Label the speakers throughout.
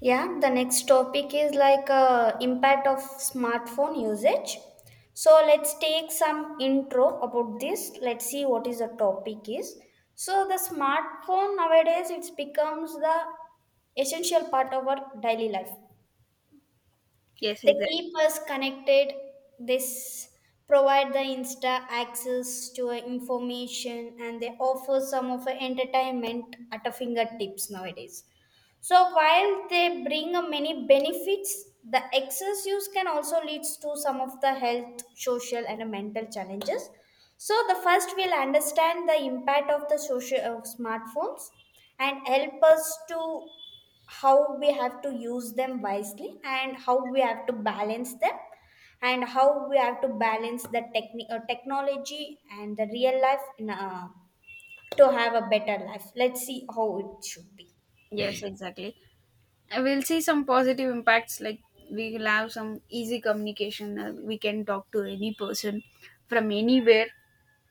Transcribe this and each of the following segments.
Speaker 1: Yeah, the next topic is like impact of smartphone usage. So let's take some intro about this. Let's see what is the topic is. So the smartphone nowadays it becomes the essential part of our daily life.
Speaker 2: Yes,
Speaker 1: They
Speaker 2: exactly.
Speaker 1: keep us connected. This provide the insta access to our information, and they offer some of our entertainment at our fingertips nowadays. So while they bring a many benefits, the excess use can also leads to some of the health, social, and mental challenges. So the first we'll understand the impact of the social of smartphones and help us to how we have to use them wisely, and how we have to balance them, and how we have to balance the technology and the real life in, to have a better life. Let's see how it should be.
Speaker 2: Yes, exactly. And we'll see some positive impacts. Like we will have some easy communication. We can talk to any person from anywhere.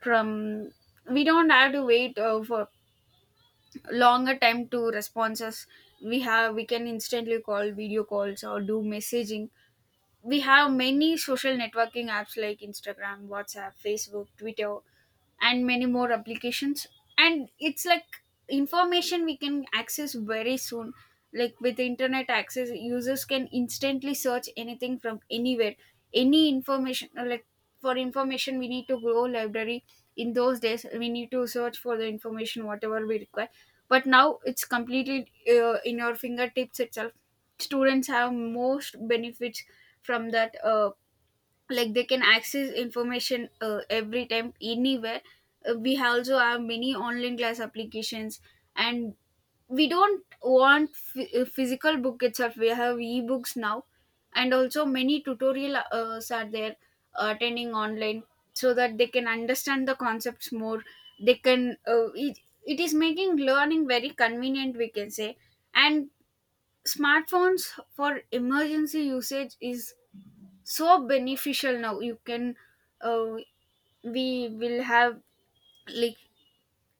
Speaker 2: From we don't have to wait for longer time to responses. We can instantly call video calls or do messaging. We have many social networking apps like Instagram, WhatsApp, Facebook, Twitter, and many more applications, and it's like information we can access very soon, like with internet access users can instantly search anything from anywhere, any information, like for information we need to go library. In those days we need to search for the information whatever we require, but now it's completely in your fingertips itself. Students have most benefits from that, like they can access information every time anywhere. We also have many online class applications, and we don't want physical book itself, we have ebooks now, and also many tutorial are there, attending online, so that they can understand the concepts more. they can uh, it, it is making learning very convenient, we can say. And smartphones for emergency usage is so beneficial now. You can, uh, we will have, like,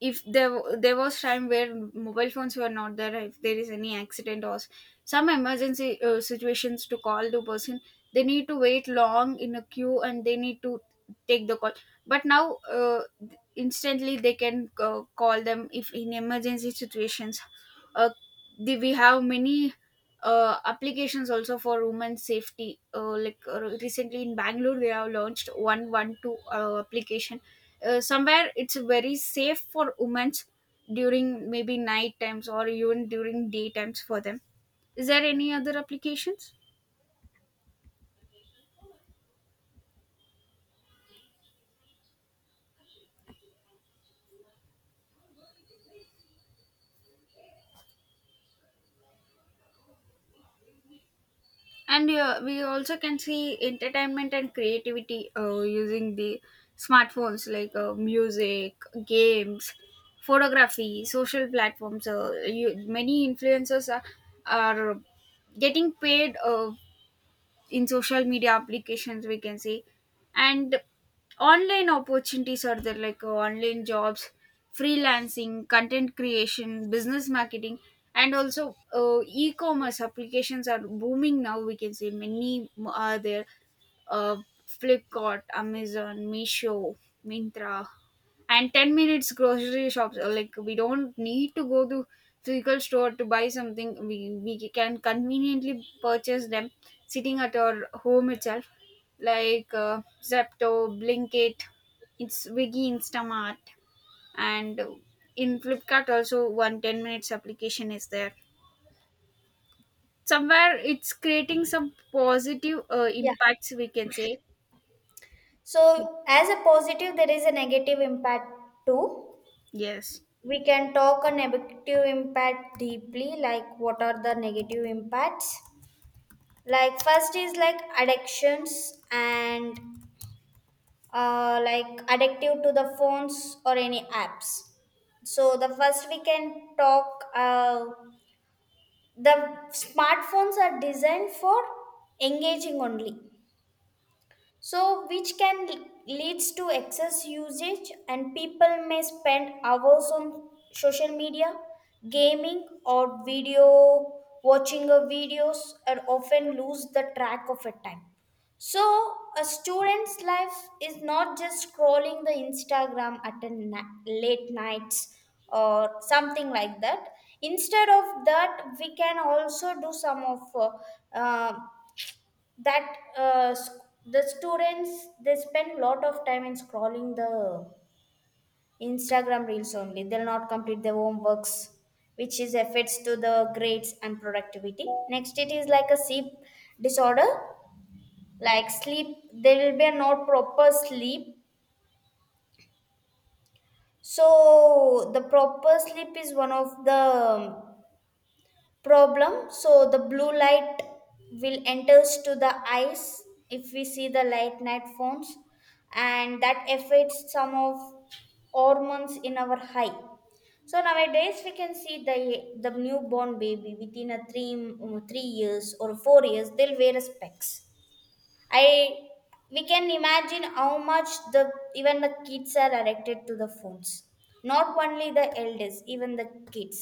Speaker 2: if there there was time where mobile phones were not there. If there is any accident or some emergency situations, to call the person they need to wait long in a queue and they need to take the call. But now, instantly they can call them if in emergency situations. A we have many applications also for women's safety. Recently in Bangalore, they have launched 112 application. Somewhere it's very safe for women during maybe night times or even during day times for them. Is there any other applications? And we also can see entertainment and creativity using the smartphones, like music, games, photography, social platforms. Many influencers are getting paid in social media applications, we can say. And online opportunities are there, like online jobs, freelancing, content creation, business marketing. And also e-commerce applications are booming now, we can say. Are there, uh, Flipkart, Amazon, Misho, Mintra, and 10 minutes grocery shops. Like we don't need to go to physical store to buy something, we can conveniently purchase them sitting at our home itself, like Zepto, Blinkit, it's Wiggy, Instamart. And in Flipkart also one 10 minutes application is there. Somewhere it's creating some positive
Speaker 1: Yeah.
Speaker 2: impacts, we can say.
Speaker 1: So, as a positive, there is a negative impact too.
Speaker 2: Yes.
Speaker 1: We can talk a negative impact deeply, like what are the negative impacts? Like first is like addictions and like addictive to the phones or any apps. So the first we can talk. The smartphones are designed for engaging only, so which can leads to excess usage, and people may spend hours on social media, gaming, or video watching of videos, and often lose the track of a time. So a student's life is not just scrolling the instagram at a late nights or something like that. Instead of that, we can also do some of uh, that uh, sc- the students, they spend lot of time in scrolling the instagram reels only. They'll not complete their homeworks, which is affects to the grades and productivity. Next it is like a sleep disorder. Like sleep, there will be a not proper sleep. So the proper sleep is one of the problem. So the blue light will enters to the eyes if we see the light night phones, and that affects some of hormones in our eye. So nowadays we can see the newborn baby within a 3 years or 4 years, they'll wear a specs. I, we can imagine how much the, even the kids are addicted to the phones. Not only the elders, even the kids.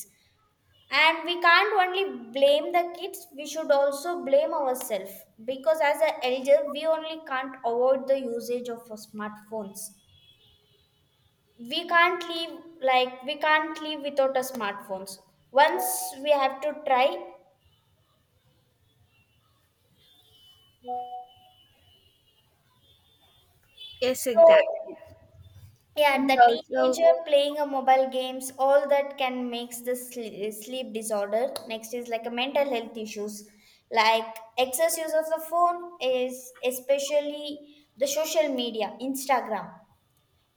Speaker 1: And we can't only blame the kids, we should also blame ourselves, because as an elder we only can't avoid the usage of our smartphones. We can't live, like we can't live without a smartphones once. We have to try.
Speaker 2: Yes,
Speaker 1: So
Speaker 2: exactly.
Speaker 1: yeah,
Speaker 2: We
Speaker 1: the
Speaker 2: also.
Speaker 1: teenager playing a mobile games, all that can makes the sleep disorder. Next is like a mental health issues, like excess use of the phone is especially the social media, Instagram,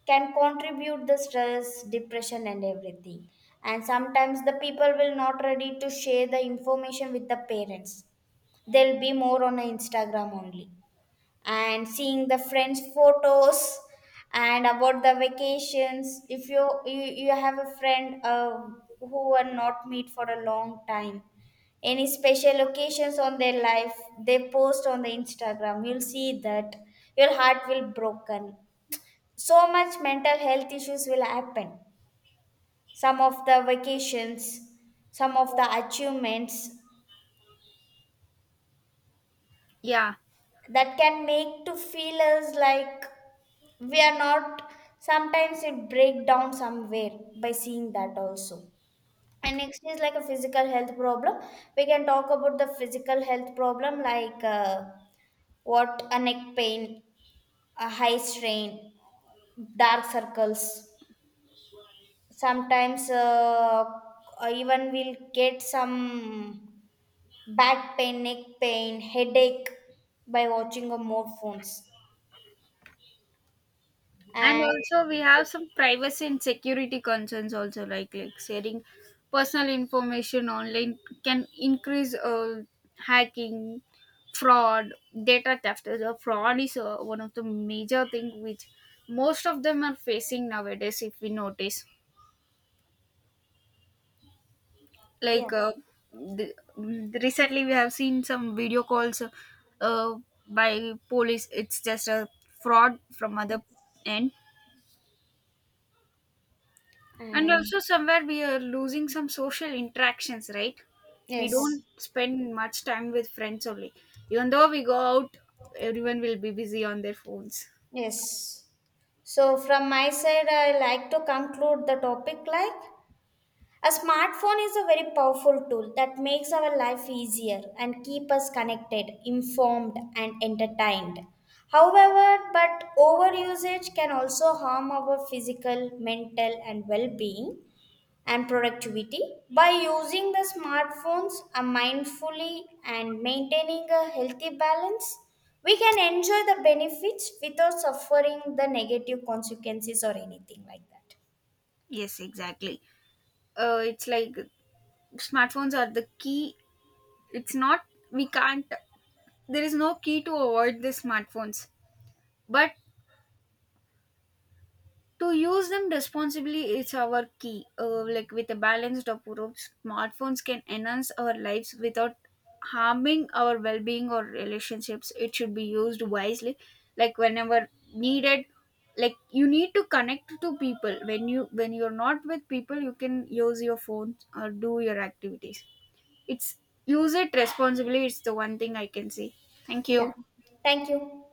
Speaker 1: can contribute the stress, depression, and everything. And sometimes the people will not ready to share the information with the parents. They'll be more on a Instagram only, and seeing the friends photos and about the vacations. If you have a friend who are not meet for a long time, any special occasions on their life, they post on the instagram, you'll see that your heart will broken. So much mental health issues will happen. Some of the vacations, some of the achievements,
Speaker 2: Yeah.
Speaker 1: that can make to feel us like we are not. Sometimes it break down somewhere by seeing that also. And next is like a physical health problem. We can talk about the physical health problem, like what a neck pain, a high strain, dark circles, sometimes even we'll get some back pain, neck pain, headache by watching a more phones.
Speaker 2: And
Speaker 1: And
Speaker 2: also we have some privacy and security concerns also, like sharing personal information online can increase hacking, fraud, data theft. Fraud is one of the major thing which most of them are facing nowadays if we notice,
Speaker 1: yeah,
Speaker 2: like, recently we have seen some video calls uh, by police, it's just a fraud from other end. And
Speaker 1: and
Speaker 2: also, somewhere we are losing some social interactions, right? We don't
Speaker 1: yes,
Speaker 2: spend much time with friends only. Even though we go out, everyone will be busy on their phones.
Speaker 1: yes. So, from my side, I like to conclude the topic like a smartphone is a very powerful tool that makes our life easier and keep us connected, informed, and entertained. However, but overusage can also harm our physical, mental, and well-being and productivity. By using the smartphones mindfully and maintaining a healthy balance, we can enjoy the benefits without suffering the negative consequences or anything like that.
Speaker 2: Yes, exactly. It's like smartphones are the key. It's not, we can't, There is no key to avoid the smartphones. But to use them responsibly is our key, like with a balanced approach smartphones can enhance our lives without harming our well-being or relationships. It should be used wisely, like whenever needed. Like you need to connect to people. When you're not with people, you can use your phone or do your activities. It's, use it responsibly. It's the one thing I can say. Thank you.
Speaker 1: Yeah, thank you.